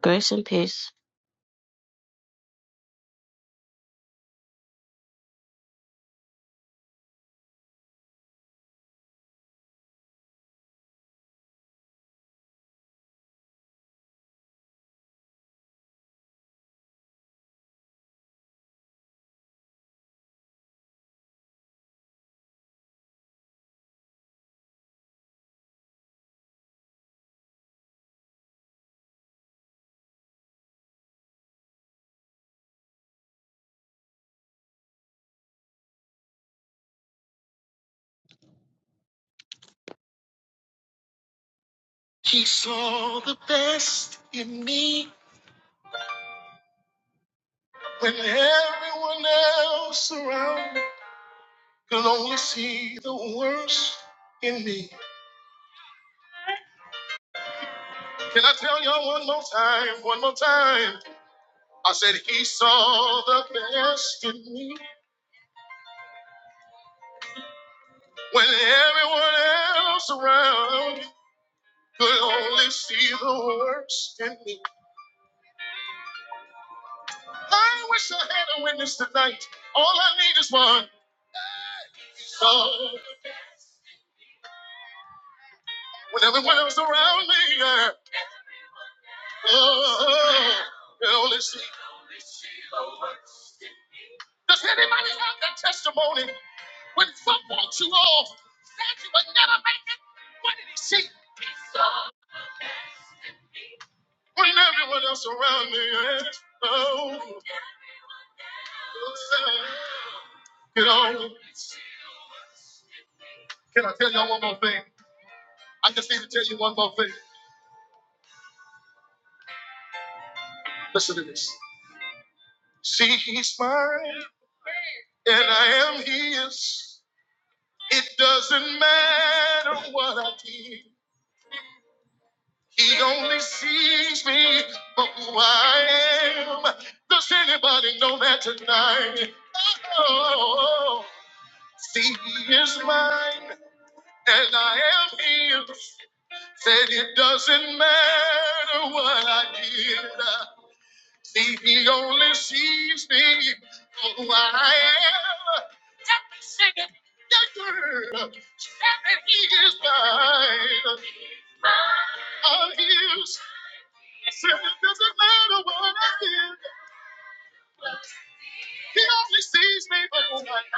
Grace and peace. He saw the best in me when everyone else around me could only see the worst in me. Can I tell y'all one more time? One more time. I said, He saw the best in me when everyone else around me could only see the worst in me. I wish I had a witness tonight. All I need is one. He saw when everyone else around me. yeah. Oh, Holy Spirit. Does anybody have that testimony? When folk walked you off, said you would never make it, what did he see? When everyone else around me is, oh, you know, can I tell y'all one more thing? I just need to tell you one more thing. Listen to this. See, he's mine, and I am his. It doesn't matter what I did. He only sees me for who I am. Does anybody know that tonight? Oh, see, he is mine, and I am his. Said it doesn't matter what I did. See, he only sees me for who I am. That girl is mine, I'm his. Said it doesn't matter what I did. He only sees me overnight.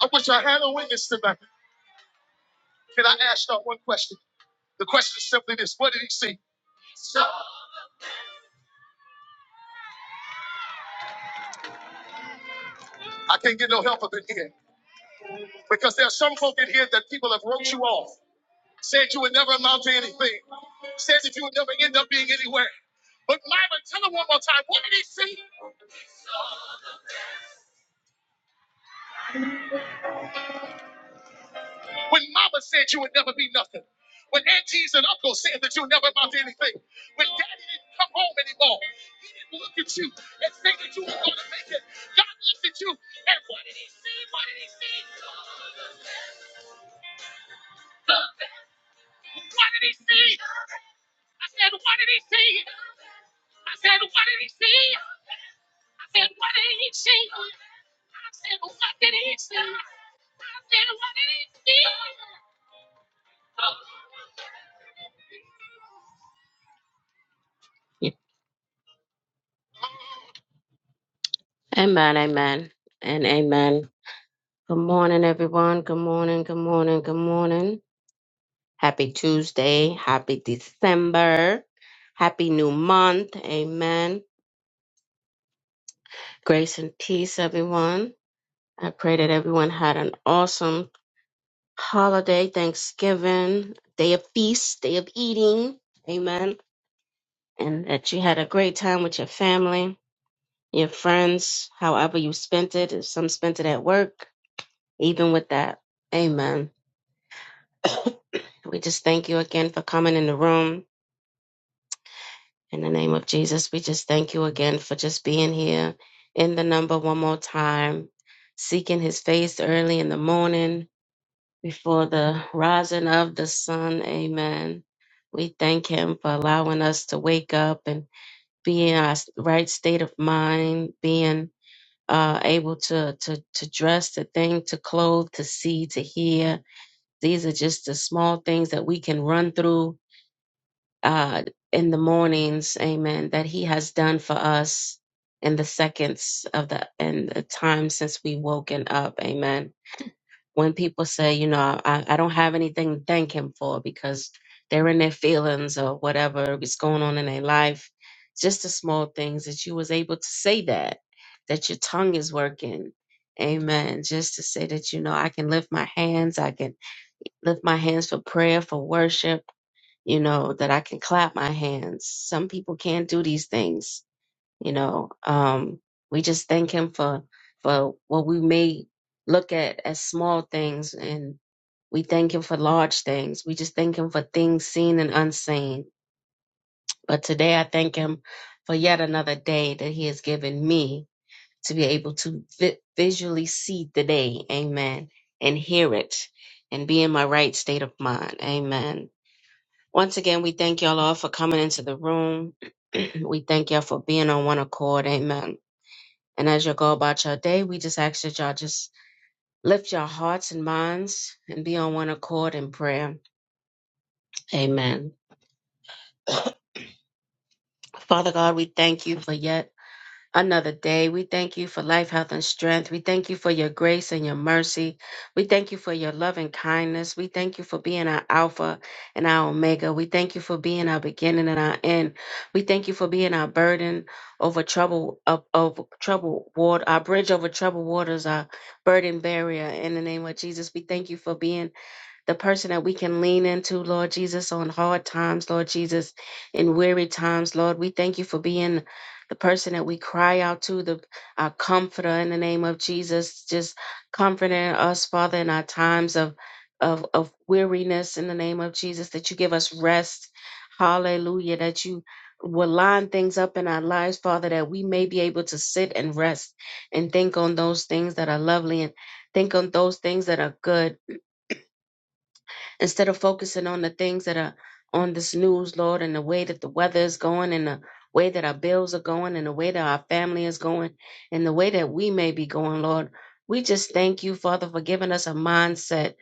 I wish I had a witness tonight. Can I ask y'all one question? The question is simply this: What did he see? I can't get no help up in here because there are some folk in here that people have wrote you off, said you would never amount to anything, said that you would never end up being anywhere. But Myra, tell her one more time, what did he see? When mama said you would never be nothing. When aunties and uncles said that you never amount to anything. When daddy didn't come home anymore. He didn't look at you and say that you were going to make it. God looked at you. Amen, amen, and amen. Good morning, everyone. Good morning, good morning, good morning. Happy Tuesday. Happy December. Happy new month. Amen. Grace and peace, everyone. I pray that everyone had an awesome holiday, Thanksgiving, day of feast, day of eating. Amen. And that you had a great time with your family, your friends, however you spent it. If some spent it at work, even with that. Amen. we just thank you again for coming in the room. In the name of Jesus, we just thank you again for just being here in the number one more time, seeking his face early in the morning before the rising of the sun. Amen. We thank him for allowing us to wake up and be in our right state of mind, being uh, able to, to, to dress, to think, to clothe, to see, to hear. These are just the small things that we can run through uh, in the mornings. Amen. That he has done for us in the seconds of the and the time since we woken up. Amen when people say, you know, I, I don't have anything to thank him for because they're in their feelings or whatever is going on in their life, just the small things that you was able to say that, that your tongue is working. Amen. Just to say that, you know, I can lift my hands, I can lift my hands for prayer, for worship, you know, that I can clap my hands. Some people can't do these things, you know. Um, we just thank him for for what we may look at as small things and. We thank Him for large things. We just thank Him for things seen and unseen. But today I thank Him for yet another day that He has given me to be able to vi- visually see the day. Amen. And hear it and be in my right state of mind. Amen. Once again, we thank y'all all for coming into the room. we thank y'all for being on one accord. Amen. And as you go about your day, we just ask that y'all just lift your hearts and minds and be on one accord in prayer. Amen. Father God, we thank you for yet another day. We thank you for life, health, and strength. We thank you for your grace and your mercy. We thank you for your love and kindness. We thank you for being our Alpha and our Omega. We thank you for being our beginning and our end. We thank you for being our burden over trouble of, of trouble water, our bridge over troubled waters, our burden barrier. In the name of Jesus, we thank you for being the person that we can lean into, Lord Jesus, on hard times, Lord Jesus, in weary times, Lord. We thank you for being the person that we cry out to, the our comforter in the name of Jesus, just comforting us, Father, in our times of of, of weariness in the name of Jesus, that you give us rest. Hallelujah. That you will line things up in our lives, Father, that we may be able to sit and rest and think on those things that are lovely and think on those things that are good instead of focusing on the things that are on this news, Lord, and the way that the weather is going, and the way that our bills are going, and the way that our family is going, and the way that we may be going, Lord. We just thank you, Father, for giving us a mindset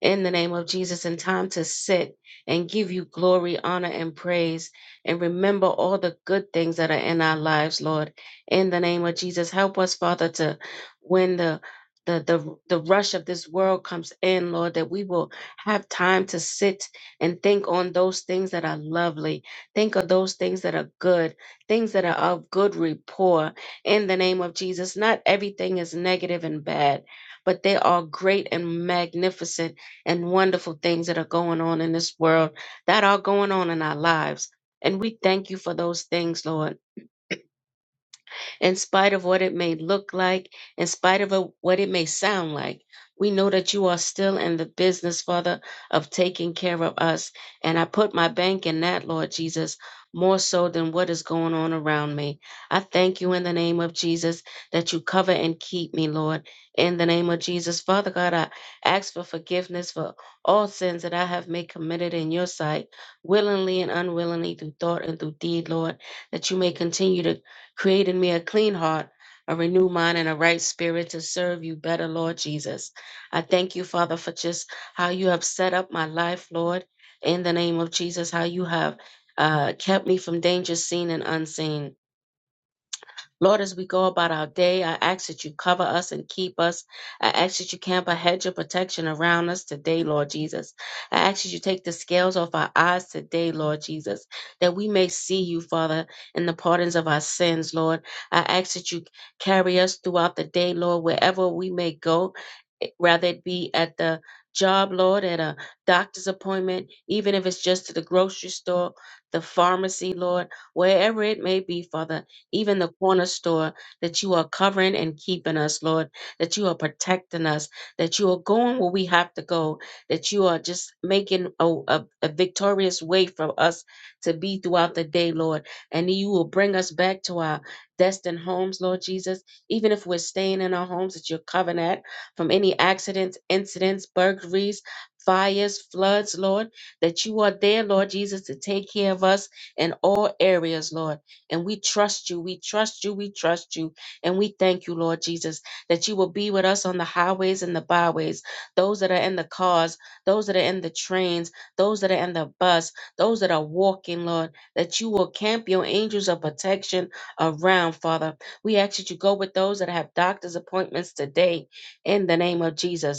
in the name of Jesus and time to sit and give you glory, honor, and praise, and remember all the good things that are in our lives, Lord. In the name of Jesus, help us, Father, to when the the, the the rush of this world comes in, Lord, that we will have time to sit and think on those things that are lovely. Think of those things that are good, things that are of good rapport. In the name of Jesus, not everything is negative and bad, but there are great and magnificent and wonderful things that are going on in this world that are going on in our lives. And we thank you for those things, Lord in spite of what it may look like, in spite of a- what it may sound like. We know that you are still in the business, Father, of taking care of us. And I put my bank in that, Lord Jesus, more so than what is going on around me. I thank you in the name of Jesus that you cover and keep me, Lord. In the name of Jesus, Father God, I ask for forgiveness for all sins that I have made committed in your sight, willingly and unwillingly, through thought and through deed, Lord, that you may continue to Create in me a clean heart, a renewed mind, and a right spirit to serve you better, Lord Jesus. I thank you, Father, for just how you have set up my life, Lord, in the name of Jesus, how you have uh, kept me from danger seen and unseen. Lord, as we go about our day, I ask that you cover us and keep us. I ask that you camp a hedge of protection around us today, Lord Jesus. I ask that you take the scales off our eyes today, Lord Jesus, that we may see you, Father, in the pardons of our sins, Lord. I ask that you carry us throughout the day, Lord, wherever we may go, eh, rather it be at the job, Lord, at a doctor's appointment, even if it's just to the grocery store, the pharmacy, Lord, wherever it may be, Father even the corner store, that you are covering and keeping us, Lord, that you are protecting us, that you are going where we have to go, that you are just making a, a, a victorious way for us to be throughout the day, Lord. And you will bring us back to our destined homes, Lord Jesus. Even if we're staying in our homes that you're covering at from any accidents, incidents, burglaries, fires, floods, Lord, that you are there, Lord Jesus, to take care of us in all areas, Lord and we trust you. We trust you. We trust you. And we thank you, Lord Jesus, that you will be with us on the highways and the byways, those that are in the cars, those that are in the trains, those that are in the bus, those that are walking, Lord, that you will camp your angels of protection around, Father. We ask that you go with those that have doctor's appointments today in the name of Jesus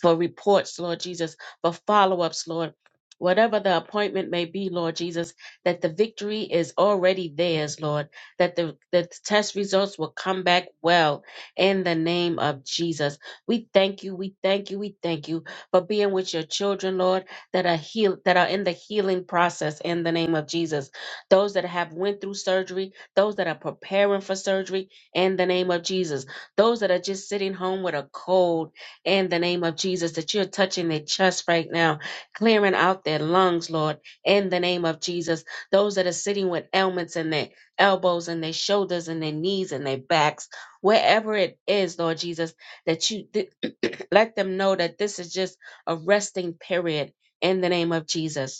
for reports, Lord Jesus, for follow ups, Lord. Whatever the appointment may be, Lord Jesus, that the victory is already theirs, Lord, that the, that the test results will come back well in the name of Jesus. We thank you, we thank you, we thank you for being with your children, Lord, that are healed, that are in the healing process in the name of Jesus. Those that have went through surgery, those that are preparing for surgery in the name of Jesus, those that are just sitting home with a cold in the name of Jesus, that you're touching their chest right now, clearing out their lungs, Lord, in the name of Jesus. Those that are sitting with ailments in their elbows and their shoulders and their knees and their backs, wherever it is, Lord Jesus, that you th- let them know that this is just a resting period in the name of Jesus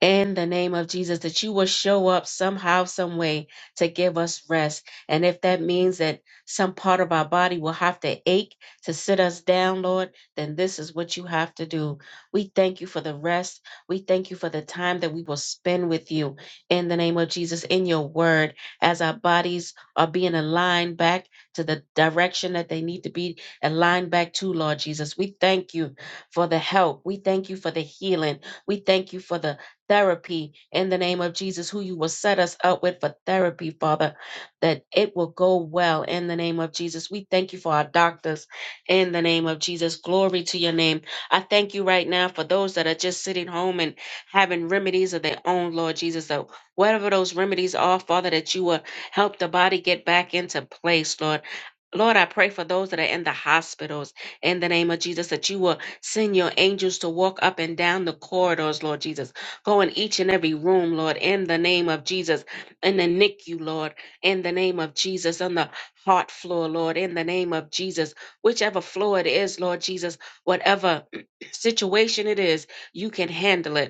in the name of Jesus, that you will show up somehow, some way to give us rest. And if that means that some part of our body will have to ache to sit us down, Lord, then this is what you have to do. We thank you for the rest. We thank you for the time that we will spend with you in the name of Jesus, in your word, as our bodies are being aligned back to the direction that they need to be aligned back to, Lord Jesus. We thank you for the help. We thank you for the healing. We thank you for the therapy in the name of Jesus, who you will set us up with for therapy, Father, that it will go well in the name of Jesus. We thank you for our doctors in the name of Jesus. Glory to your name. I thank you right now for those that are just sitting home and having remedies of their own, Lord Jesus, that whatever those remedies are, Father, that you will help the body get back into place, Lord. Lord, I pray for those that are in the hospitals in the name of Jesus that you will send your angels to walk up and down the corridors, Lord Jesus Go in each and every room, Lord, in the name of Jesus, in the NICU, Lord, in the name of Jesus, on the heart floor, Lord, in the name of Jesus, whichever floor it is, Lord Jesus, whatever situation it is, you can handle it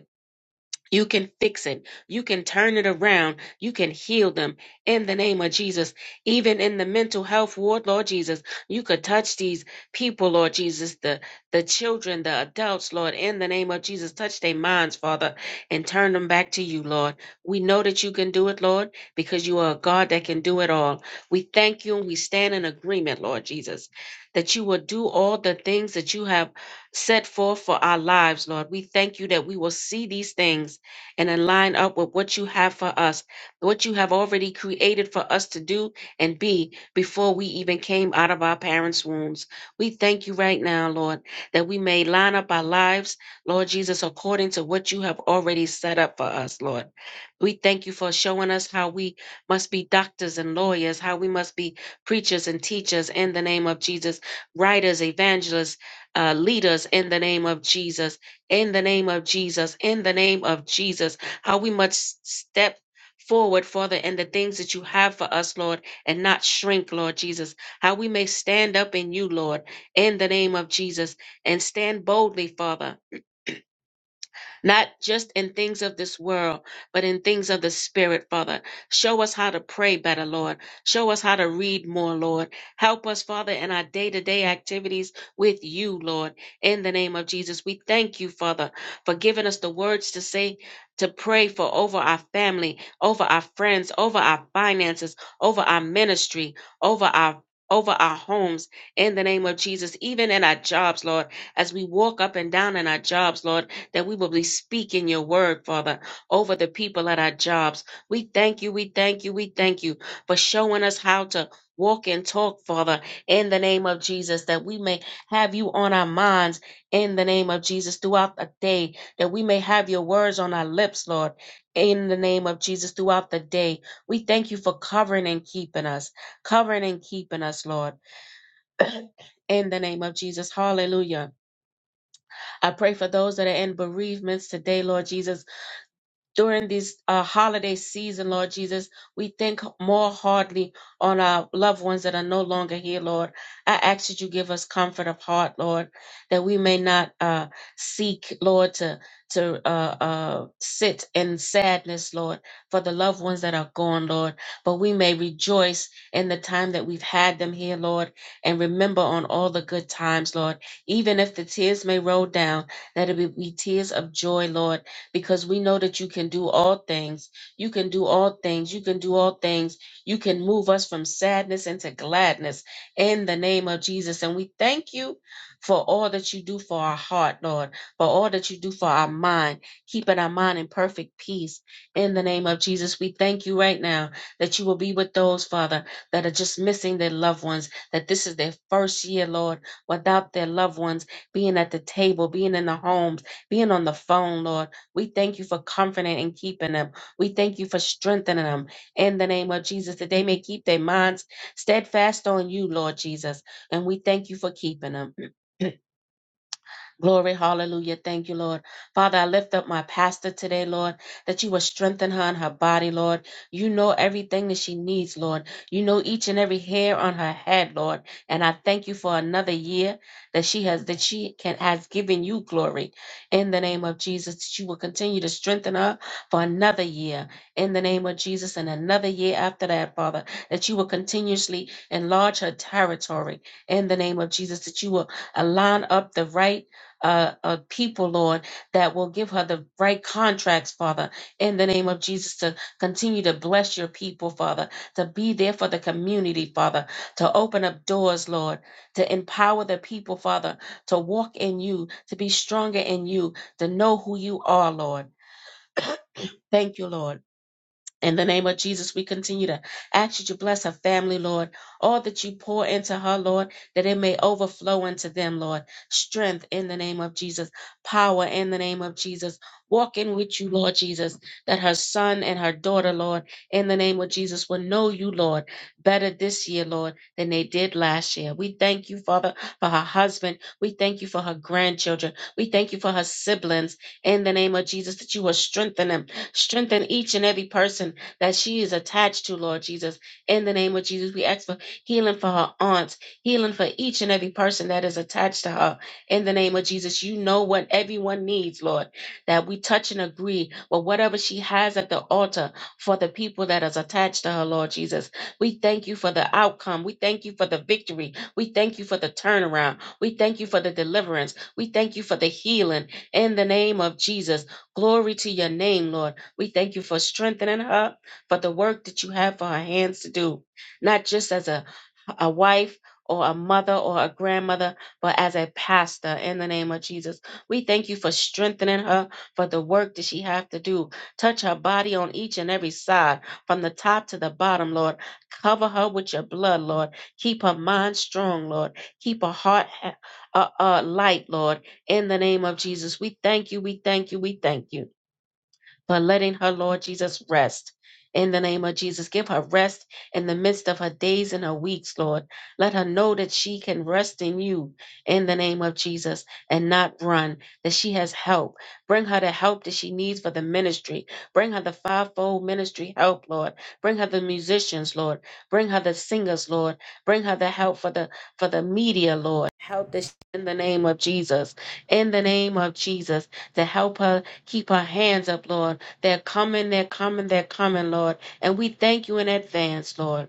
you can fix it. You can turn it around. You can heal them in the name of Jesus. Even in the mental health ward, Lord Jesus, you could touch these people, Lord Jesus, the, the children, the adults, Lord, in the name of Jesus. Touch their minds, Father, and turn them back to you, Lord. We know that you can do it, Lord, because you are a God that can do it all. We thank you and we stand in agreement, Lord Jesus, that you will do all the things that you have set forth for our lives, Lord. We thank you that we will see these things and then line up with what you have for us, what you have already created for us to do and be before we even came out of our parents' wombs. We thank you right now, Lord, that we may line up our lives, Lord Jesus, according to what you have already set up for us, Lord. We thank you for showing us how we must be doctors and lawyers, how we must be preachers and teachers in the name of Jesus, writers, evangelists, uh, leaders in the name of Jesus in the name of Jesus, in the name of Jesus, how we must step forward, Father, in the things that you have for us, Lord, and not shrink, Lord Jesus, how we may stand up in you, Lord, in the name of Jesus, and stand boldly, Father not just in things of this world, but in things of the spirit, Father. Show us how to pray better, Lord. Show us how to read more, Lord. Help us, Father, in our day to day activities with you, Lord. In the name of Jesus, we thank you, Father, for giving us the words to say, to pray for over our family, over our friends, over our finances, over our ministry, over our over our homes in the name of Jesus, even in our jobs, Lord, as we walk up and down in our jobs, Lord that we will be speaking your word, Father, over the people at our jobs. We thank you, we thank you, we thank you for showing us how to walk and talk, Father, in the name of Jesus, that we may have you on our minds in the name of Jesus throughout the day, that we may have your words on our lips, Lord, in the name of Jesus throughout the day. We thank you for covering and keeping us, covering and keeping us, Lord in the name of Jesus. Hallelujah. I pray for those that are in bereavements today, Lord Jesus during these uh, holiday season, Lord Jesus. We think more hardly on our loved ones that are no longer here, Lord. I ask that you give us comfort of heart, Lord, that we may not uh, seek, Lord, to to uh, uh, sit in sadness, Lord, for the loved ones that are gone, Lord. But we may rejoice in the time that we've had them here, Lord, and remember on all the good times, Lord. Even if the tears may roll down, that it be be tears of joy, Lord because we know that you can do all things. You can do all things. You can do all things. You can move us from sadness into gladness in the name of Jesus. And we thank you for all that you do for our heart, Lord, for all that you do for our mind, keeping our mind in perfect peace in the name of Jesus. We thank you right now that you will be with those, Father, that are just missing their loved ones, that this is their first year, Lord, without their loved ones being at the table, being in the homes, being on the phone, Lord. We thank you for comforting and keeping them. We thank you for strengthening them in the name of Jesus, that they may keep their minds steadfast on you, Lord Jesus. And we thank you for keeping them. Glory, hallelujah. Thank you, Lord. Father, I lift up my pastor today, Lord, that you will strengthen her in her body, Lord. You know everything that she needs, Lord. You know each and every hair on her head, Lord. And I thank you for another year that she has, that she can, has given you glory in the name of Jesus, that you will continue to strengthen her for another year in the name of Jesus and another year after that, Father, that you will continuously enlarge her territory in the name of Jesus, that you will align up the right uh, uh, people, Lord, that will give her the right contracts, Father, in the name of Jesus, to continue to bless your people, Father, to be there for the community, Father, to open up doors, Lord, to empower the people, Father, to walk in you, to be stronger in you, to know who you are, Lord. Thank you, Lord. In the name of Jesus, we continue to ask you to bless her family, Lord. All that you pour into her, Lord, that it may overflow into them, Lord. Strength in the name of Jesus. Power in the name of Jesus. Walking with you, Lord Jesus, that her son and her daughter, Lord, in the name of Jesus, will know you, Lord, better this year, Lord, than they did last year. We thank you, Father, for her husband. We thank you for her grandchildren. We thank you for her siblings in the name of Jesus, that you will strengthen them. Strengthen each and every person that she is attached to, Lord Jesus. In the name of Jesus, we ask for healing for her aunts, healing for each and every person that is attached to her. In the name of Jesus, you know what everyone needs, Lord, that we touch and agree with whatever she has at the altar for the people that is attached to her, Lord Jesus. We thank you for the outcome. We thank you for the victory. We thank you for the turnaround. We thank you for the deliverance. We thank you for the healing. In the name of Jesus, glory to your name, Lord. We thank you for strengthening her for the work that you have for her hands to do, not just as a, a wife or a mother or a grandmother, but as a pastor in the name of Jesus. We thank you for strengthening her for the work that she have to do. Touch her body on each and every side, from the top to the bottom, Lord. Cover her with your blood, Lord. Keep her mind strong, Lord. Keep her heart ha- uh, uh, light, Lord. In the name of Jesus, we thank you, we thank you, we thank you but letting her, Lord Jesus, rest. In the name of Jesus, give her rest in the midst of her days and her weeks, Lord. Let her know that she can rest in you in the name of Jesus and not run, that she has help. Bring her the help that she needs for the ministry. Bring her the fivefold ministry help, Lord. Bring her the musicians, Lord. Bring her the singers, Lord. Bring her the help for the for the media, Lord. Help this in the name of Jesus. In the name of Jesus, to help her keep her hands up, Lord they're coming, they're coming, they're coming, Lord. And we thank you in advance, Lord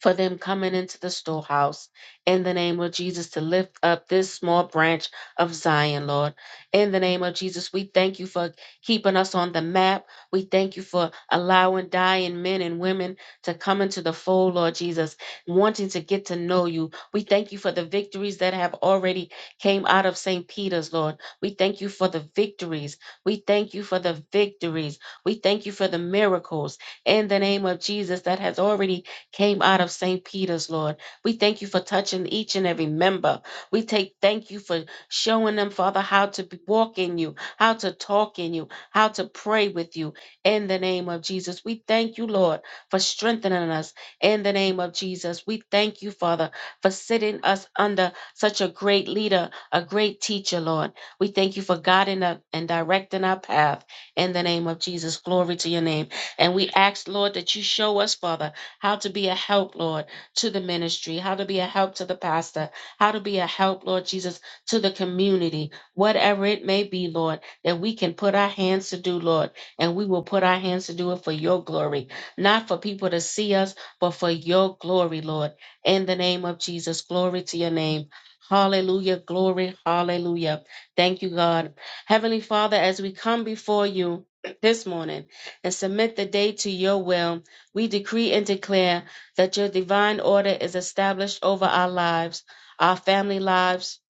for them coming into the storehouse in the name of Jesus to lift up this small branch of Zion, Lord. In the name of Jesus, we thank you for keeping us on the map. We thank you for allowing dying men and women to come into the fold, Lord Jesus, wanting to get to know you. We thank you for the victories that have already came out of St. Peter's, Lord. We thank you for the victories. We thank you for the victories. We thank you for the miracles in the name of Jesus that has already came out of St. Peter's, Lord. We thank you for touching each and every member. We take thank you for showing them, Father, how to be- walk in you, how to talk in you, how to pray with you in the name of Jesus. We thank you, Lord, for strengthening us in the name of Jesus. We thank you, Father, for sitting us under such a great leader, a great teacher, Lord. We thank you for guiding us and directing our path in the name of Jesus. Glory to your name. And we ask, Lord, that you show us, Father how to be a help, Lord, to the ministry, how to be a help to the pastor, how to be a help, Lord Jesus, to the community, whatever it may be, Lord, that we can put our hands to do, Lord, and we will put our hands to do it for your glory, not for people to see us, but for your glory, Lord. In the name of Jesus, glory to your name. Hallelujah, glory, hallelujah. Thank you, God. Heavenly Father, as we come before you this morning and submit the day to your will, we decree and declare that your divine order is established over our lives, our family lives,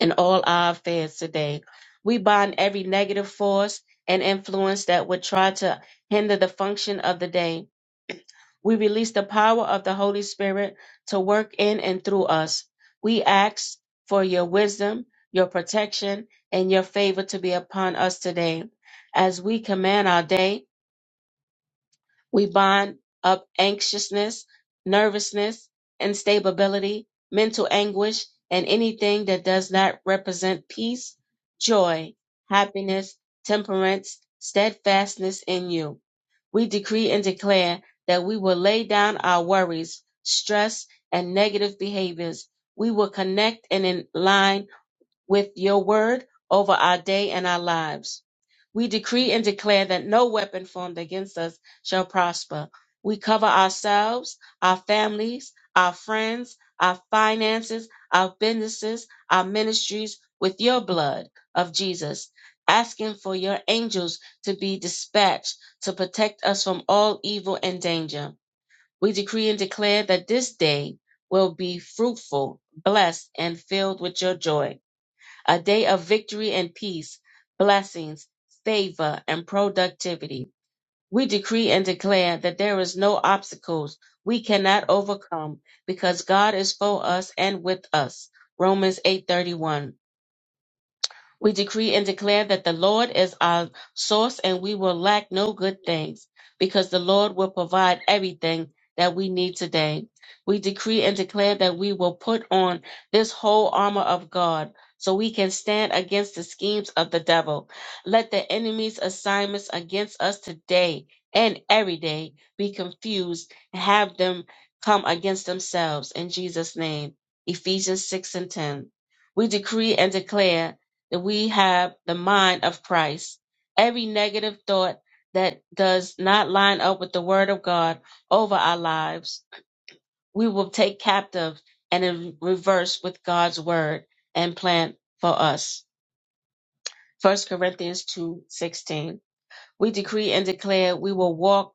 and all our affairs today. We bind every negative force and influence that would try to hinder the function of the day. We release the power of the Holy Spirit to work in and through us. We ask for your wisdom, your protection, and your favor to be upon us today. As we command our day, we bind up anxiousness, nervousness, instability, mental anguish, and anything that does not represent peace, joy, happiness, temperance, steadfastness in you. We decree and declare that we will lay down our worries, stress, and negative behaviors. We will connect and in line with your word over our day and our lives. We decree and declare that no weapon formed against us shall prosper. We cover ourselves, our families, our friends, our finances, our businesses, our ministries with your blood of Jesus, asking for your angels to be dispatched to protect us from all evil and danger. We decree and declare that this day will be fruitful, blessed, and filled with your joy a day of victory and peace, blessings, favor, and productivity. We decree and declare that there is no obstacles we cannot overcome because God is for us and with us. Romans 8:31. We decree and declare that the Lord is our source and we will lack no good things because the Lord will provide everything that we need today. We decree and declare that we will put on this whole armor of God so we can stand against the schemes of the devil. Let the enemy's assignments against us today and every day be confused and have them come against themselves in Jesus' name. Ephesians 6 and 10. We decree and declare that we have the mind of Christ. Every negative thought that does not line up with the word of God over our lives, we will take captive and in reverse with God's word and plan for us. First Corinthians 2:16. We decree and declare we will walk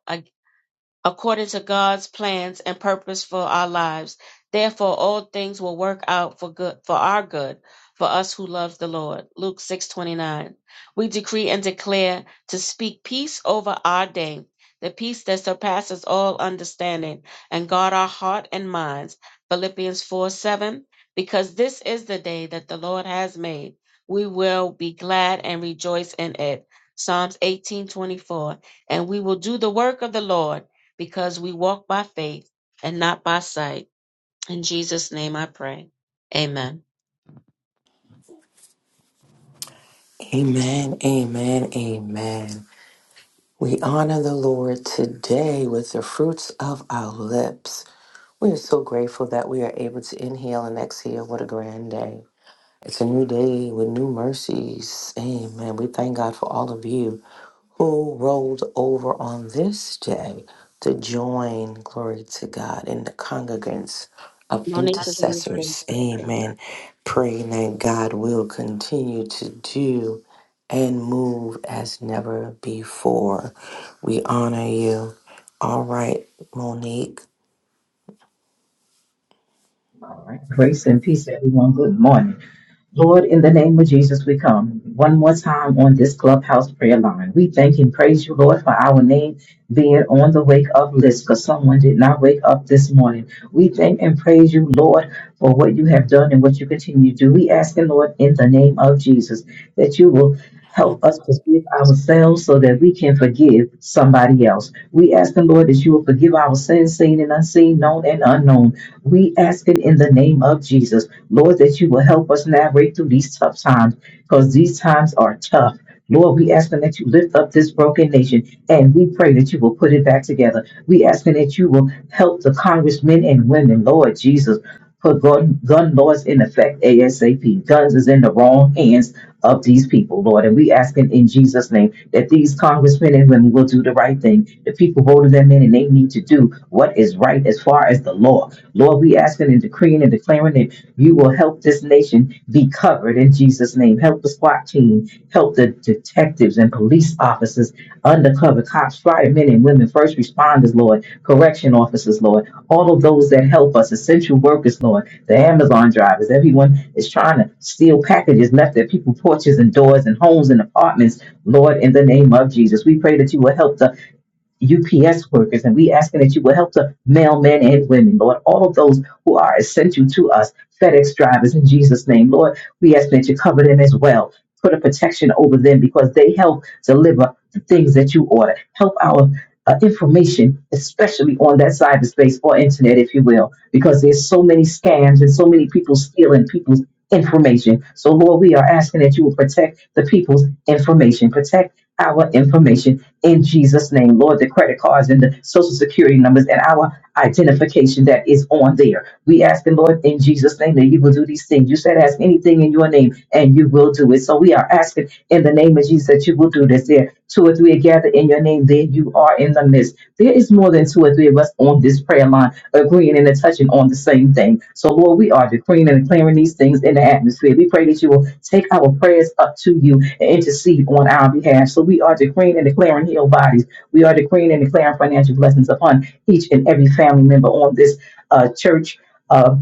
according to God's plans and purpose for our lives. Therefore, all things will work out for good, for our good, for us who love the Lord. Luke 6:29. We decree and declare to speak peace over our day, the peace that surpasses all understanding, and guard our heart and minds. Philippians four seven. Because this is the day that the Lord has made. We will be glad and rejoice in it. Psalms 18:24. And we will do the work of the Lord because we walk by faith and not by sight. In Jesus' name I pray. Amen. Amen, amen, amen. We honor the Lord today with the fruits of our lips. We are so grateful that we are able to inhale and exhale. What a grand day! It's a new day with new mercies. Amen. We thank God for all of you who rolled over on this day to join, glory to God, in the congregants of Monique is on the stage, intercessors. Pastor. Amen. Praying that God will continue to do and move as never before. We honor you. All right, Monique. All right. Grace and peace, everyone. Good morning. Lord, in the name of Jesus, we come one more time on this clubhouse prayer line. We thank and praise you, Lord, for our name being on the wake up list because someone did not wake up this morning. We thank and praise you, Lord, for what you have done and what you continue to do. We ask the Lord, in the name of Jesus, that you will help us forgive ourselves so that we can forgive somebody else. We ask the Lord, that you will forgive our sins, seen and unseen, known and unknown. We ask it in the name of Jesus. Lord, that you will help us navigate through these tough times because these times are tough. Lord, we asking that you lift up this broken nation and we pray that you will put it back together. We asking that you will help the congressmen and women, Lord Jesus, put gun, gun laws in effect ASAP. Guns is in the wrong hands of these people, Lord. And we asking in Jesus' name that these congressmen and women will do the right thing. The people voted them in and they need to do what is right as far as the law. Lord, we asking and decreeing and declaring you will help this nation be covered in Jesus' name. Help the SWAT team, help the detectives and police officers, undercover cops, firemen and women, first responders, Lord, correction officers, Lord, all of those that help us, essential workers, Lord, the Amazon drivers, everyone is trying to steal packages left at people's porches and doors and homes and apartments, Lord, in the name of Jesus. We pray that you will help the UPS workers, and we asking that you will help the mailmen and women, Lord, all of those who are essential to us, FedEx drivers in Jesus' name. Lord, we ask that you cover them as well. Put a protection over them because they help deliver the things that you order. Help our uh, information, especially on that cyberspace or internet, if you will, because there's so many scams and so many people stealing people's information. So, Lord, we are asking that you will protect the people's information, protect our information in Jesus' name, Lord, the credit cards and the social security numbers and our identification that is on there. We ask the Lord in Jesus' name that you will do these things. You said, ask anything in your name and you will do it. So we are asking in the name of Jesus that you will do this. There, two or three are gathered in your name, there you are in the midst. There is more than two or three of us on this prayer line agreeing and touching on the same thing. So, Lord, we are decreeing and declaring these things in the atmosphere. We pray that you will take our prayers up to you and intercede on our behalf. So, we are decreeing and declaring healed bodies. We are decreeing and declaring financial blessings upon each and every family member on this uh, church. Uh,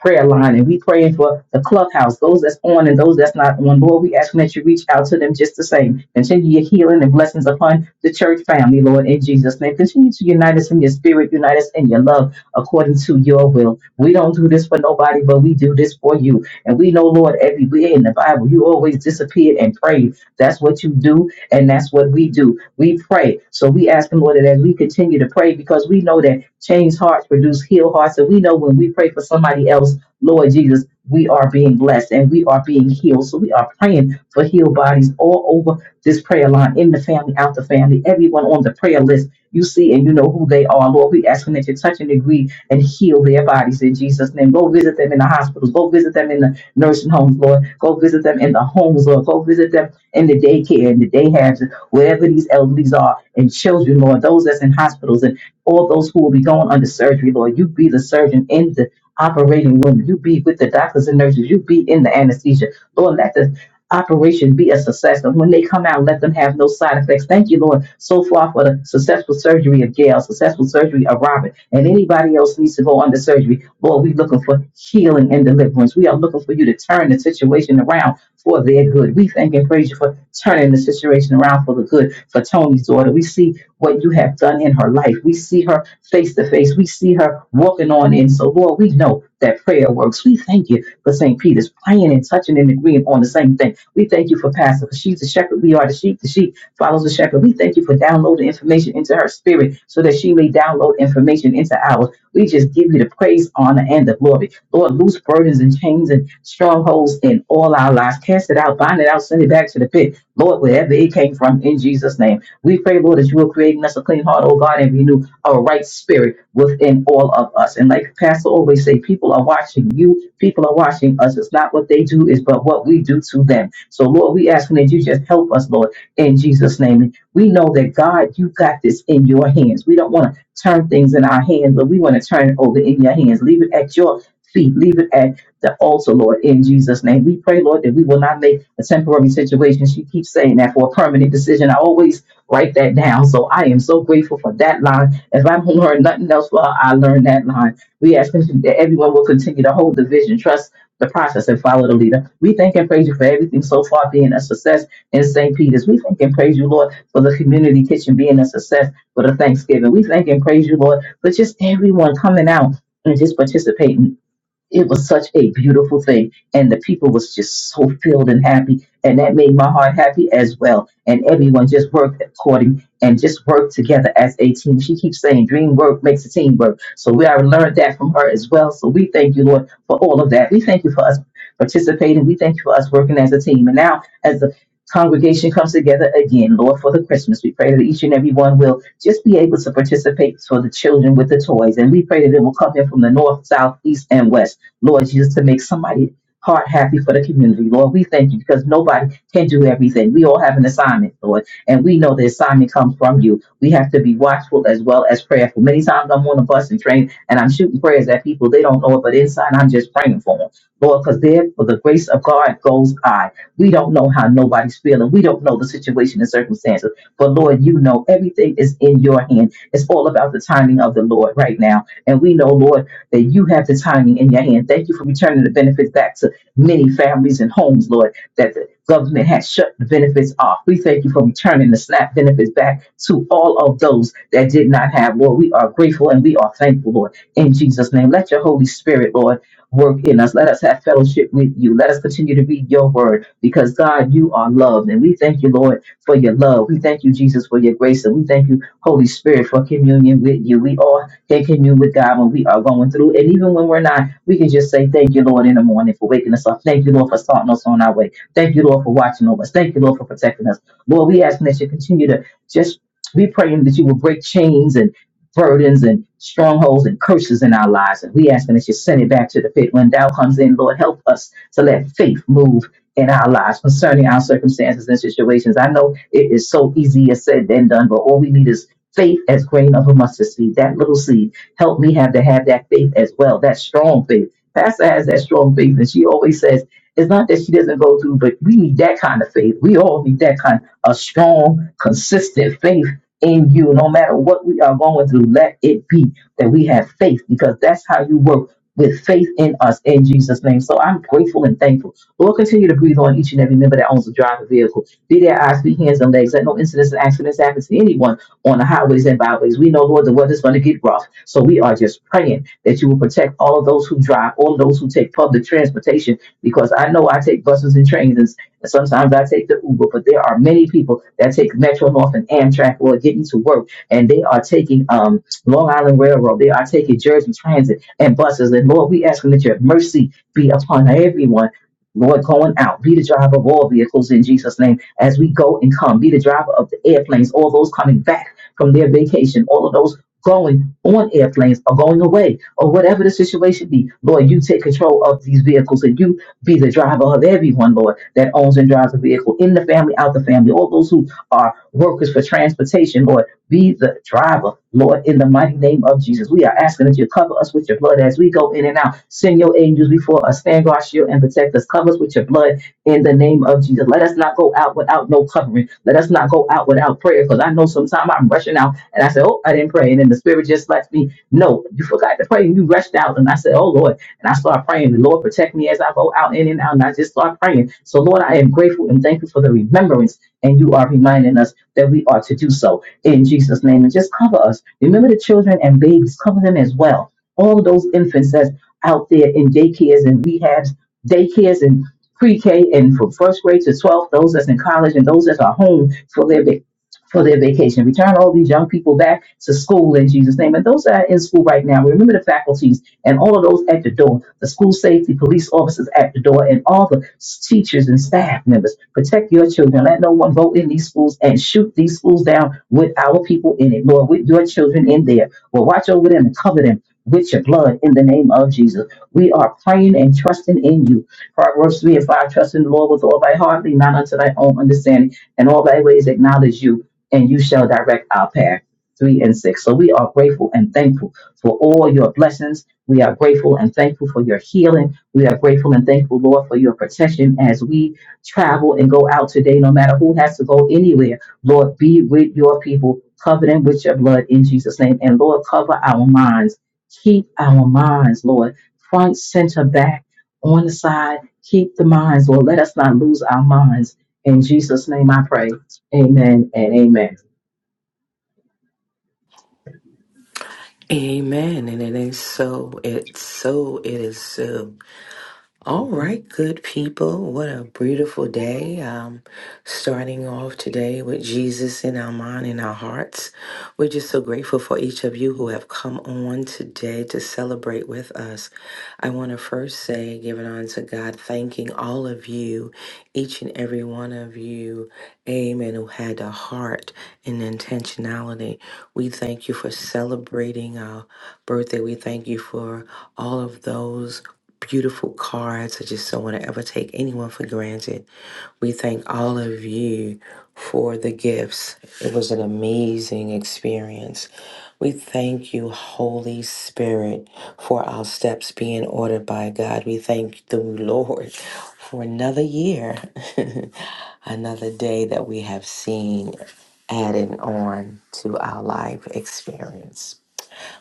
prayer line and we praying for the clubhouse, those that's on and those that's not on. Lord, we asking that you reach out to them just the same. Continue your healing and blessings upon the church family, Lord, in Jesus' name. Continue to unite us in your spirit, unite us in your love according to your will. We don't do this for nobody, but we do this for you. And we know, Lord, everywhere in the Bible, you always disappeared and prayed. That's what you do, and that's what we do. We pray. So we ask Him, Lord, that as we continue to pray, because we know that changed hearts produce healed hearts. And we know when we pray for somebody else, Lord Jesus, we are being blessed and we are being healed. So we are praying for healed bodies all over this prayer line, in the family, out the family, everyone on the prayer list you see and you know who they are. Lord, we asking that you touch and agree and heal their bodies in Jesus' name. Go visit them in the hospitals. Go visit them in the nursing homes, Lord. Go visit them in the homes, Lord. Go visit them in the daycare, in the day halves, wherever these elderlies are, and children, Lord, those that's in hospitals and all those who will be going under surgery, Lord. You be the surgeon in the operating room. You be with the doctors and nurses. You be in the anesthesia. Lord, let the operation be a success. And when they come out, let them have no side effects. Thank you, Lord, so far for the successful surgery of Gail, successful surgery of Robert, and anybody else needs to go under surgery. Lord, we're looking for healing and deliverance. We are looking for you to turn the situation around for their good. We thank and praise you for turning the situation around for the good for Tony's daughter. We see what you have done in her life. We see her face to face. We see her walking on in. So, Lord, we know that prayer works. We thank you for St. Peter's praying and touching and agreeing on the same thing. We thank you for Pastor. She's the shepherd. We are the sheep. The sheep follows the shepherd. We thank you for downloading information into her spirit so that she may download information into ours. We just give you the praise, honor, and the glory. Lord, loose burdens and chains and strongholds in all our lives. Cast it out, bind it out, send it back to the pit. Lord, wherever it came from, in Jesus' name. We pray, Lord, that you will create in us a clean heart, oh God, and renew a right spirit within all of us. And like Pastor always say, people are watching you, people are watching us. It's not what they do, it's but what we do to them. So, Lord, we asking that you just help us, Lord, in Jesus' name. We know that, God, you got this in your hands. We don't want to turn things in our hands, but we want to turn it over in your hands. Leave it at your feet. Leave it at the altar, Lord, in Jesus' name. We pray, Lord, that we will not make a temporary situation. She keeps saying that for a permanent decision. I always write that down. So I am so grateful for that line. If I don't learn nothing else, well, I learned that line. We ask that everyone will continue to hold the vision, trust the process and follow the leader. We thank and praise you for everything so far being a success in St. Peter's. We thank and praise you, Lord, for the community kitchen being a success for the Thanksgiving. We thank and praise you, Lord, for just everyone coming out and just participating it was such a beautiful thing and the people was just so filled and happy and that made my heart happy as well and everyone just worked according and just worked together as a team she keeps saying dream work makes a team work so we already learned that from her as well so we thank you lord for all of that we thank you for us participating we thank you for us working as a team and now as the congregation comes together again lord for the christmas we pray that each and every one will just be able to participate for the children with the toys and we pray that it will come in from the north south east and west Lord Jesus, to make somebody heart happy for the community. Lord, we thank you because nobody can do everything. We all have an assignment, Lord, and we know the assignment comes from you. We have to be watchful as well as prayerful. Many times I'm on a bus and train and I'm shooting prayers at people. They don't know it, but inside I'm just praying for them. Lord, because there for the grace of God goes I. We don't know how nobody's feeling. We don't know the situation and circumstances. But Lord, you know everything is in your hand. It's all about the timing of the Lord right now. And we know, Lord, that you have the timing in your hand. Thank you for returning the benefits back to many families and homes, Lord, that the government has shut the benefits off. We thank you for returning the SNAP benefits back to all of those that did not have, Lord. We are grateful and we are thankful, Lord. In Jesus' name, let your Holy Spirit, Lord, work in us. Let us have fellowship with you. Let us continue to read your word because, God, you are loved. And we thank you, Lord, for your love. We thank you, Jesus, for your grace. And we thank you, Holy Spirit, for communion with you. We all that commune with God when we are going through. And even when we're not, we can just say, Thank you, Lord, in the morning for waking us up. Thank you, Lord, for starting us on our way. Thank you, Lord, for watching over us. Thank you, Lord, for protecting us. Lord, we ask that you continue to just be praying that you will break chains and burdens and strongholds and curses in our lives. And we ask that you send it back to the pit. When thou comes in, Lord, help us to let faith move in our lives concerning our circumstances and situations. I know it is so easier said than done, but all we need is faith as grain of a mustard seed. That little seed helped me have to have that faith as well. That strong faith. Pastor has that strong faith, and she always says it's not that she doesn't go through, but we need that kind of faith. We all need that kind of strong, consistent faith in you. No matter what we are going through, let it be that we have faith, because that's how you work with faith in us in Jesus' name. So I'm grateful and thankful. Lord, continue to breathe on each and every member that owns a driver vehicle. Be their eyes, be hands, and legs. Let no incidents and accidents happen to anyone on the highways and byways. We know, Lord, the weather's going to get rough. So we are just praying that you will protect all of those who drive, all those who take public transportation, because I know I take buses and trains and and sometimes I take the Uber, but there are many people that take Metro North and Amtrak or getting to work and they are taking um, Long Island Railroad, they are taking Jersey Transit and buses. And Lord, we asking that your mercy be upon everyone. Lord, going out, be the driver of all vehicles in Jesus' name as we go and come, be the driver of the airplanes, all those coming back from their vacation, all of those going on airplanes or going away or whatever the situation be. Lord, you take control of these vehicles and you be the driver of everyone, Lord, that owns and drives a vehicle in the family, out the family, all those who are workers for transportation, Lord, be the driver, Lord, in the mighty name of Jesus. We are asking that you cover us with your blood as we go in and out. Send your angels before us, stand guard, shield, and protect us. Cover us with your blood in the name of Jesus. Let us not go out without no covering. Let us not go out without prayer because I know sometimes I'm rushing out and I say, Oh, I didn't pray. And then the Spirit just lets me, No, you forgot to pray and you rushed out. And I said, Oh, Lord. And I start praying. The Lord protect me as I go out in and out. And I just start praying. So, Lord, I am grateful and thankful for the remembrance. And you are reminding us that we are to do so in Jesus' name. And just cover us. Remember the children and babies, cover them as well. All of those infants that's out there in daycares and rehabs, daycares and pre-K and from first grade to 12th, those that's in college and those that are home for their va- for their vacation. Return all these young people back to school in Jesus' name. And those that are in school right now, remember the faculties and all of those at the door, the school safety, police officers at the door, and all the s- teachers and staff members. Protect your children. Let no one go in these schools and shoot these schools down with our people in it, Lord, with your children in there. Well, watch over them and cover them with your blood in the name of Jesus. We are praying and trusting in you. For it works to me if I trust in the Lord with all thy heart, lean not unto thy own understanding, and all thy ways acknowledge you, and you shall direct our path. Three and six. So we are grateful and thankful for all your blessings. We are grateful and thankful for your healing. We are grateful and thankful, Lord, for your protection as we travel and go out today, no matter who has to go anywhere. Lord, be with your people, cover them with your blood in Jesus' name. And Lord, cover our minds. Keep our minds, Lord, front, center, back, on the side keep the minds, Lord. Let us not lose our minds. In Jesus' name I pray. Amen and amen. Amen. And it is so. It's so. It is so. All right, good people. What a beautiful day. Um, starting off today with Jesus in our mind and our hearts. We're just so grateful for each of you who have come on today to celebrate with us. I want to first say, giving on to God, thanking all of you, each and every one of you, amen, who had a heart and intentionality. We thank you for celebrating our birthday. We thank you for all of those beautiful cards. I just don't want to ever take anyone for granted. We thank all of you for the gifts. It was an amazing experience. We thank you, Holy Spirit, for our steps being ordered by God. We thank the Lord for another year, another day that we have seen added on to our life experience.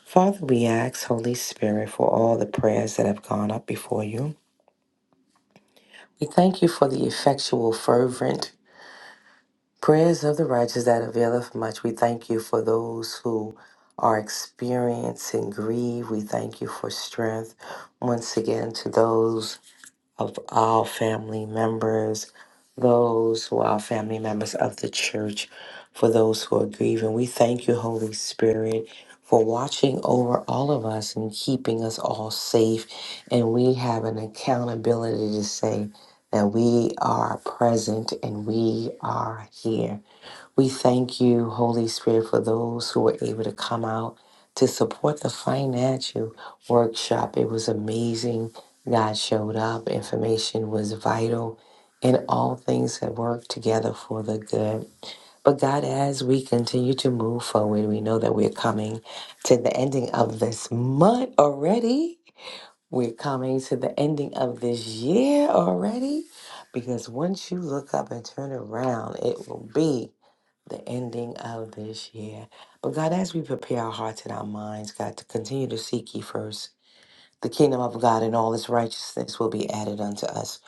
Father, we ask, Holy Spirit, for all the prayers that have gone up before you. We thank you for the effectual, fervent prayers of the righteous that availeth much. We thank you for those who are experiencing grief. We thank you for strength once again to those of all family members, those who are family members of the church, for those who are grieving. We thank you, Holy Spirit, for watching over all of us and keeping us all safe. And we have an accountability to say that we are present and we are here. We thank you, Holy Spirit, for those who were able to come out to support the financial workshop. It was amazing. God showed up. Information was vital, and all things have worked together for the good. But God, as we continue to move forward, we know that we're coming to the ending of this month already. We're coming to the ending of this year already. Because once you look up and turn around, it will be the ending of this year. But God, as we prepare our hearts and our minds, God, to continue to seek ye first, the kingdom of God and all its righteousness will be added unto us.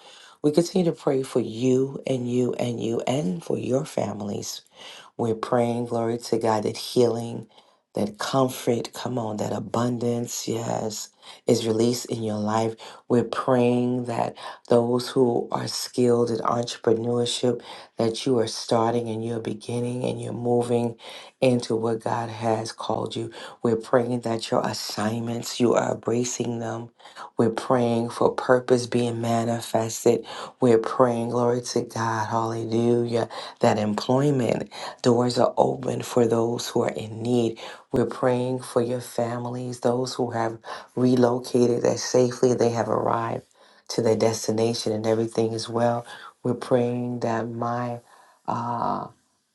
We continue to pray for you and you and you and for your families we're praying, glory to God, that healing, that comfort, come on, that abundance, yes, is released in your life. We're praying that those who are skilled in entrepreneurship, that you are starting and you're beginning and you're moving into what God has called you. We're praying that your assignments, you are embracing them. We're praying for purpose being manifested. We're praying, glory to God, hallelujah, that employment doors are open for those who are in need. We're praying for your families, those who have relocated that safely they have arrived to their destination and everything is well. We're praying that my uh,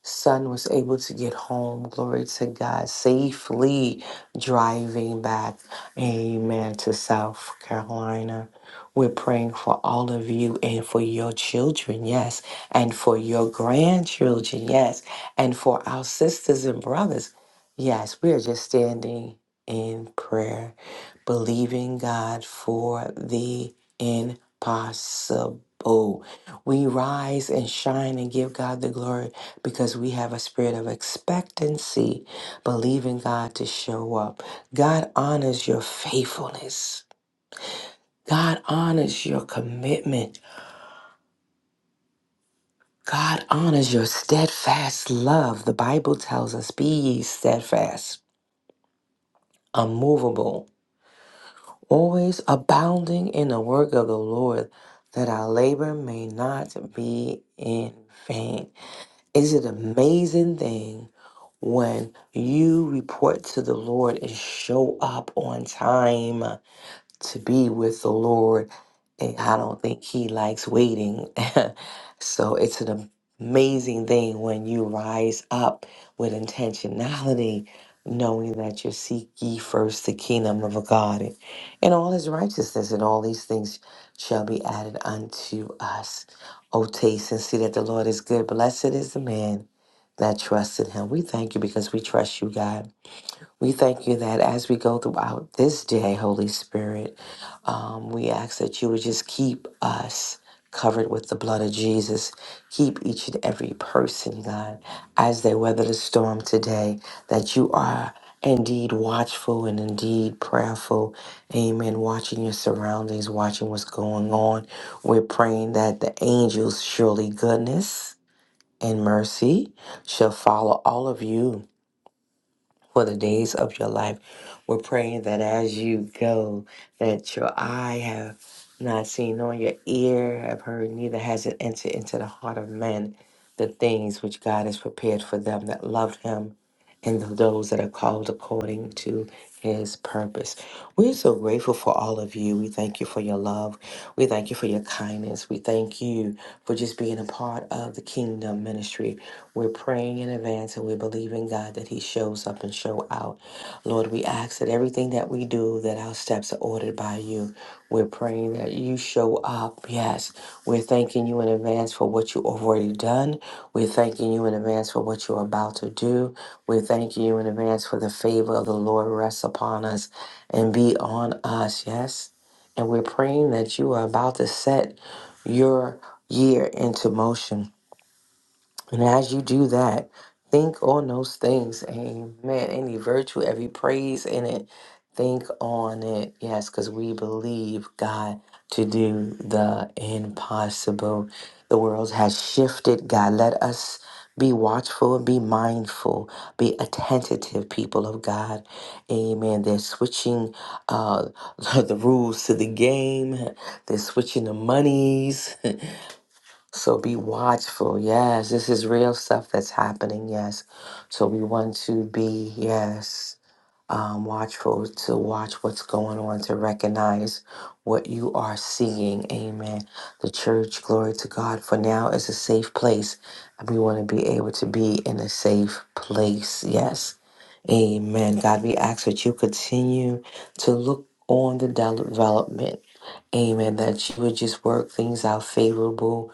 son was able to get home, glory to God, safely driving back. Amen to South Carolina. We're praying for all of you and for your children, yes, and for your grandchildren, yes, and for our sisters and brothers. Yes, we are just standing in prayer, believing God for the impossible. We rise and shine and give God the glory because we have a spirit of expectancy, believing God to show up. God honors your faithfulness. God honors your commitment. God honors your steadfast love. The Bible tells us, be ye steadfast, unmovable, always abounding in the work of the Lord, that our labor may not be in vain. Is it an amazing thing when you report to the Lord and show up on time? to be with the Lord. And I don't think He likes waiting. so it's an amazing thing when you rise up with intentionality, knowing that you seek ye first the kingdom of God and and all His righteousness, and all these things shall be added unto us. O taste and see that the Lord is good. Blessed is the man that trusted Him. We thank you because we trust you, God. We thank you that as we go throughout this day, Holy Spirit, um, we ask that you would just keep us covered with the blood of Jesus. Keep each and every person, God, as they weather the storm today, that you are indeed watchful and indeed prayerful. Amen. Watching your surroundings, watching what's going on. We're praying that the angels, surely goodness and mercy, shall follow all of you for the days of your life. We're praying that as you go, that your eye have not seen, nor your ear have heard, neither has it entered into the heart of man the things which God has prepared for them that love him and those that are called according to his purpose. We're so grateful for all of you. We thank you for your love. We thank you for your kindness. We thank you for just being a part of the kingdom ministry. We're praying in advance and we believe in God that He shows up and show out. Lord, we ask that everything that we do, that our steps are ordered by you. We're praying that you show up. Yes. We're thanking you in advance for what you already done. We're thanking you in advance for what you're about to do. We're thanking you in advance for the favor of the Lord rests upon us and be on us. Yes. And we're praying that you are about to set your year into motion. And as you do that, think on those things. Amen. Any virtue, every praise in it, think on it. Yes, because we believe God to do the impossible. The world has shifted. God, let us be watchful be mindful, be attentive, people of God. Amen. They're switching uh, the rules to the game, they're switching the monies. So be watchful. Yes, this is real stuff that's happening. Yes. So we want to be, yes, um, watchful to watch what's going on, to recognize what you are seeing. Amen. The church, glory to God, for now is a safe place. And we want to be able to be in a safe place. Yes. Amen. God, we ask that you continue to look on the development Amen. That you would just work things out favorable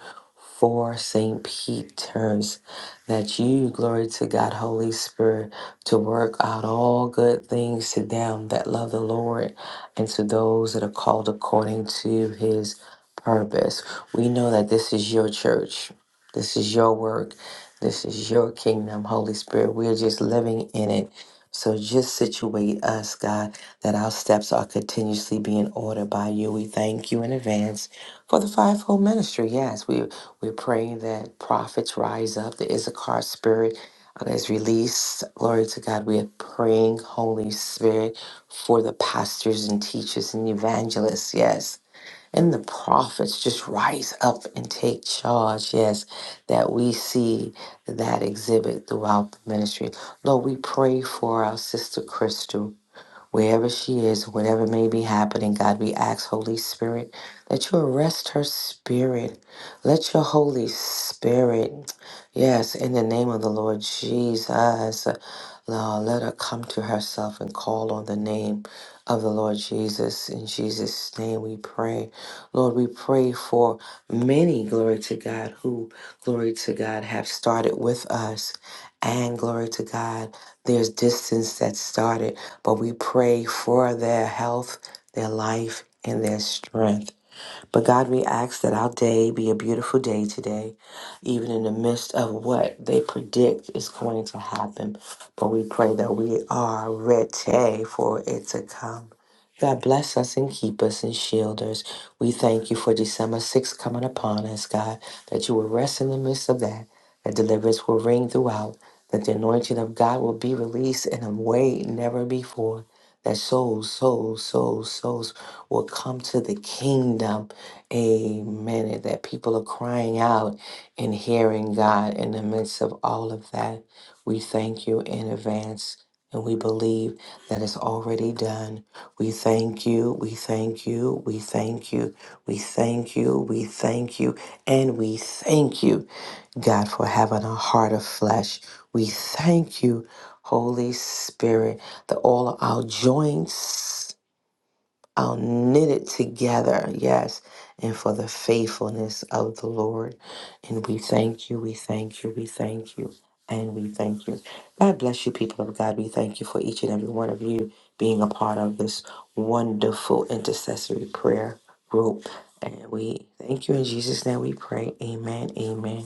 for St. Peter's. That you, glory to God, Holy Spirit, to work out all good things to them that love the Lord and to those that are called according to his purpose. We know that this is your church, this is your work, this is your kingdom, Holy Spirit. We are just living in it. So just situate us, God that our steps are continuously being ordered by you. We thank you in advance for the fivefold ministry. Yes, we we're praying that prophets rise up, the Issachar spirit uh, is released. Glory to God. We are praying, Holy Spirit, for the pastors and teachers and evangelists. Yes. And the prophets just rise up and take charge. Yes, that we see that exhibit throughout the ministry. Lord, we pray for our sister Crystal wherever she is, whatever may be happening, God, we ask, Holy Spirit, that you arrest her spirit. Let your Holy Spirit, yes, in the name of the Lord Jesus, Lord, let her come to herself and call on the name of the Lord Jesus. In Jesus' name we pray. Lord, we pray for many, glory to God, who, glory to God, have started with us. And glory to God, there's distance that started but we pray for their health, their life, and their strength. But God, we ask that our day be a beautiful day today, even in the midst of what they predict is going to happen. But we pray that we are ready for it to come. God bless us and keep us and shield us. We thank you for December 6th coming upon us, God, that you will rest in the midst of that, that deliverance will ring throughout, that the anointing of God will be released in a way never before, that souls, souls, souls, souls will come to the kingdom Amen. And that people are crying out and hearing God in the midst of all of that. We thank you in advance and we believe that it's already done. We thank you. We thank you. We thank you. We thank you. We thank you. And we thank you, God, for having a heart of flesh. We thank you, Holy Spirit, that all our joints. I'll knit it together, yes, and for the faithfulness of the Lord. And we thank you, we thank you, we thank you, and we thank you. God bless you, people of God. We thank you for each and every one of you being a part of this wonderful intercessory prayer group. And we thank you in Jesus' name we pray. Amen, amen,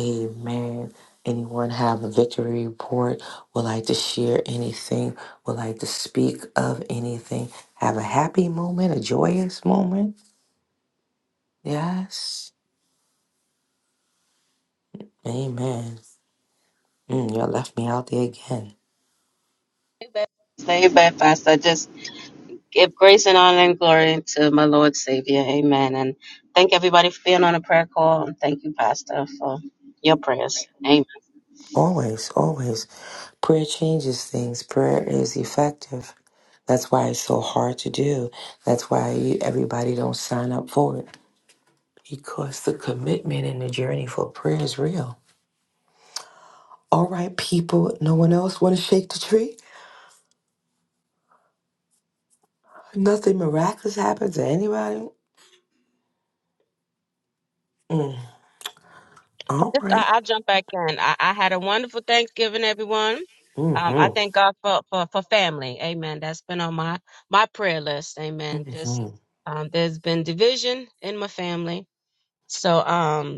amen. Anyone have a victory report? Would like to share anything? Would like to speak of anything? Have a happy moment, a joyous moment. Yes. Amen. Mm, you left me out there again. Stay back, Pastor. I just Give grace and honor and glory to my Lord Savior. Amen. And thank everybody for being on a prayer call. And thank you, Pastor, for your prayers. Amen. Always, always. Prayer changes things. Prayer is effective. That's why it's so hard to do. That's why you, everybody don't sign up for it because the commitment and the journey for prayer is real. All right, people. No one else want to shake the tree. Nothing miraculous happens to anybody. Mm. All Just- right. I- I'll jump back in. I, I had a wonderful Thanksgiving, everyone. Um, I Mm-hmm. thank God for, for, for family. Amen. That's been on my, my prayer list. Amen. Just Mm-hmm. um, there's been division in my family. So um,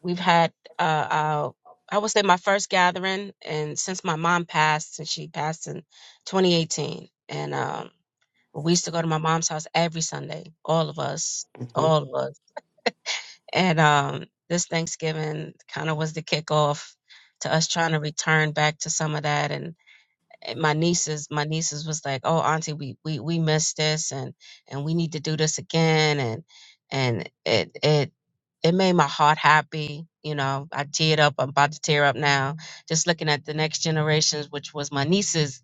We've had uh, uh, I would say my first gathering, and since my mom passed, since she passed in 2018, and um, we used to go to my mom's house every Sunday, all of us, Mm-hmm. all of us. And um, this Thanksgiving kind of was the kickoff to us trying to return back to some of that, and and my nieces my nieces was like oh auntie we we we missed this and and we need to do this again and and it it it made my heart happy you know i teared up i'm about to tear up now just looking at the next generations which was my nieces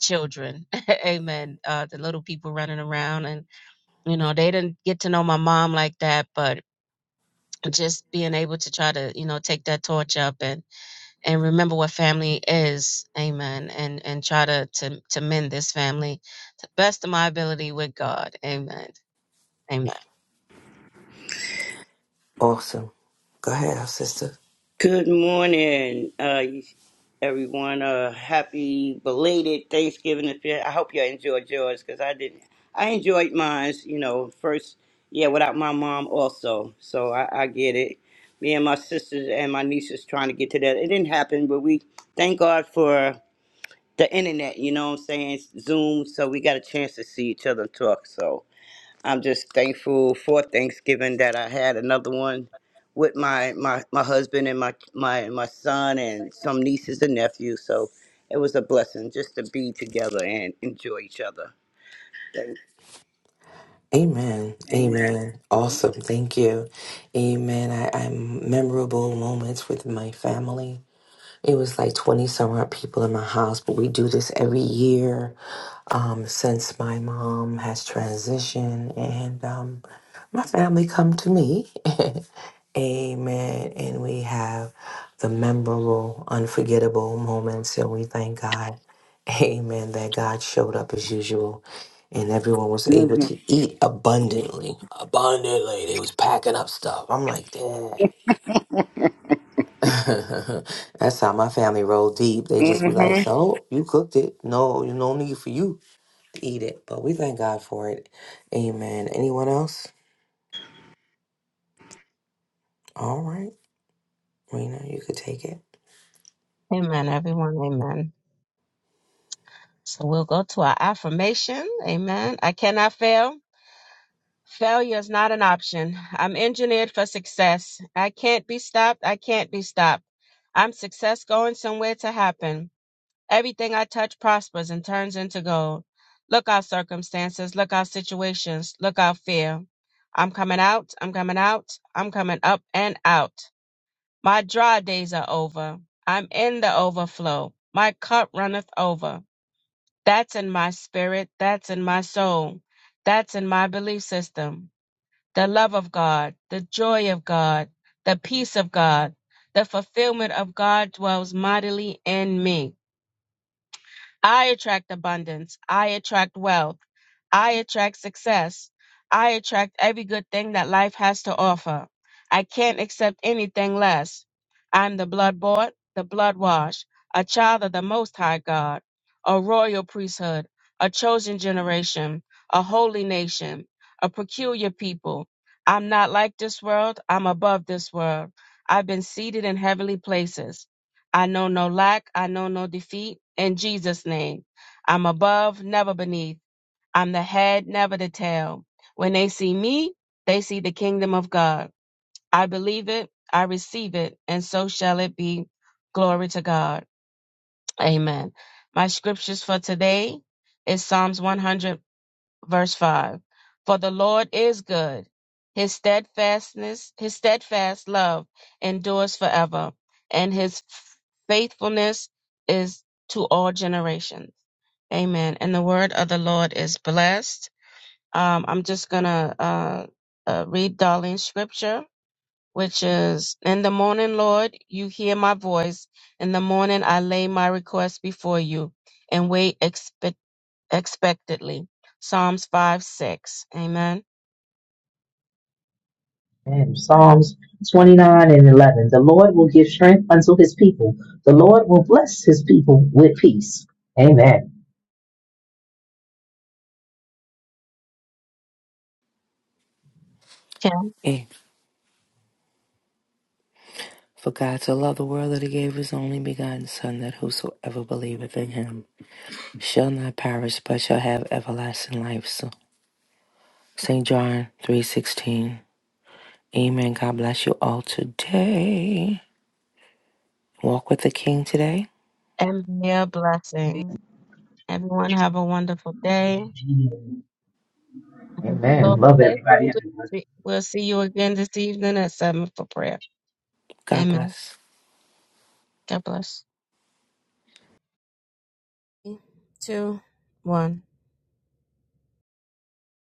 children amen uh the little people running around and you know they didn't get to know my mom like that but just being able to try to you know take that torch up and and remember what family is amen and and try to to, to mend this family to the best of my ability with god amen amen Awesome. Go ahead, our sister. Good morning, uh, everyone. Uh, happy belated Thanksgiving. If you, I hope you enjoyed yours because I didn't. I enjoyed mine. You know, first, yeah, without my mom also. So I, I get it. Me and my sisters and my nieces trying to get to that. It didn't happen, but we thank God for the internet. You know what I'm saying? Zoom. So we got a chance to see each other and talk. So I'm just thankful for Thanksgiving that I had another one with my my, my husband and my, my my son and some nieces and nephews. So it was a blessing just to be together and enjoy each other. Thank- Amen. Amen. Amen. Awesome. Thank you. Amen. I, I memorable moments with my family. It was like 20 some odd people in my house, but we do this every year um, since my mom has transitioned. And um, my family come to me Amen. And we have the memorable, unforgettable moments, and we thank God. Amen. That God showed up as usual, and everyone was able hmm to eat abundantly. Abundantly. They was packing up stuff. I'm like, dang. That's how my family roll deep. They just be hmm like, so you cooked it. No, no need for you to eat it. But we thank God for it. Amen. Anyone else? All right. Rena, you could take amen everyone amen so we'll go to our affirmation amen i cannot fail failure is not an option i'm engineered for success i can't be stopped i can't be stopped i'm success going somewhere to happen Everything I touch prospers and turns into gold. Look out, circumstances. Look out, situations. Look out, fear. I'm coming out. I'm coming out. I'm coming up and out. My dry days are over. I'm in the overflow. My cup runneth over. That's in my spirit. That's in my soul. That's in my belief system. The love of God, the joy of God, the peace of God, the fulfillment of God dwells mightily in me. I attract abundance. I attract wealth. I attract success. I attract every good thing that life has to offer. I can't accept anything less. I'm the blood bought, the blood washed, a child of the Most High God, a royal priesthood, a chosen generation, a holy nation, a peculiar people. I'm not like this world. I'm above this world. I've been seated in heavenly places. I know no lack. I know no defeat. In Jesus' name, I'm above, never beneath. I'm the head, never the tail. When they see me, they see the kingdom of God. I believe it. I receive it. And so shall it be. Glory to God. Amen. My scriptures for today is Psalms 100 verse 5 for the lord is good his steadfastness his steadfast love endures forever and his faithfulness is to all generations amen and the word of the lord is blessed um, i'm just gonna uh, uh, read darlene's scripture which is in the morning lord you hear my voice in the morning i lay my request before you and wait expectedly. Psalms 5 6. Amen. And Psalms 29 and 11. The Lord will give strength unto his people. The Lord will bless his people with peace. Amen. it. For God so loved the world that he gave his only begotten Son, that whosoever believeth in him shall not perish, but shall have everlasting life. So, St. John 3.16. Amen. God bless you all today. Walk with the King today. And be a blessing. Everyone have a wonderful day. Amen. Lord Love bless everybody. you. We'll see you again this evening at 7 for prayer. God Amen. bless. God bless. Three, Two, one.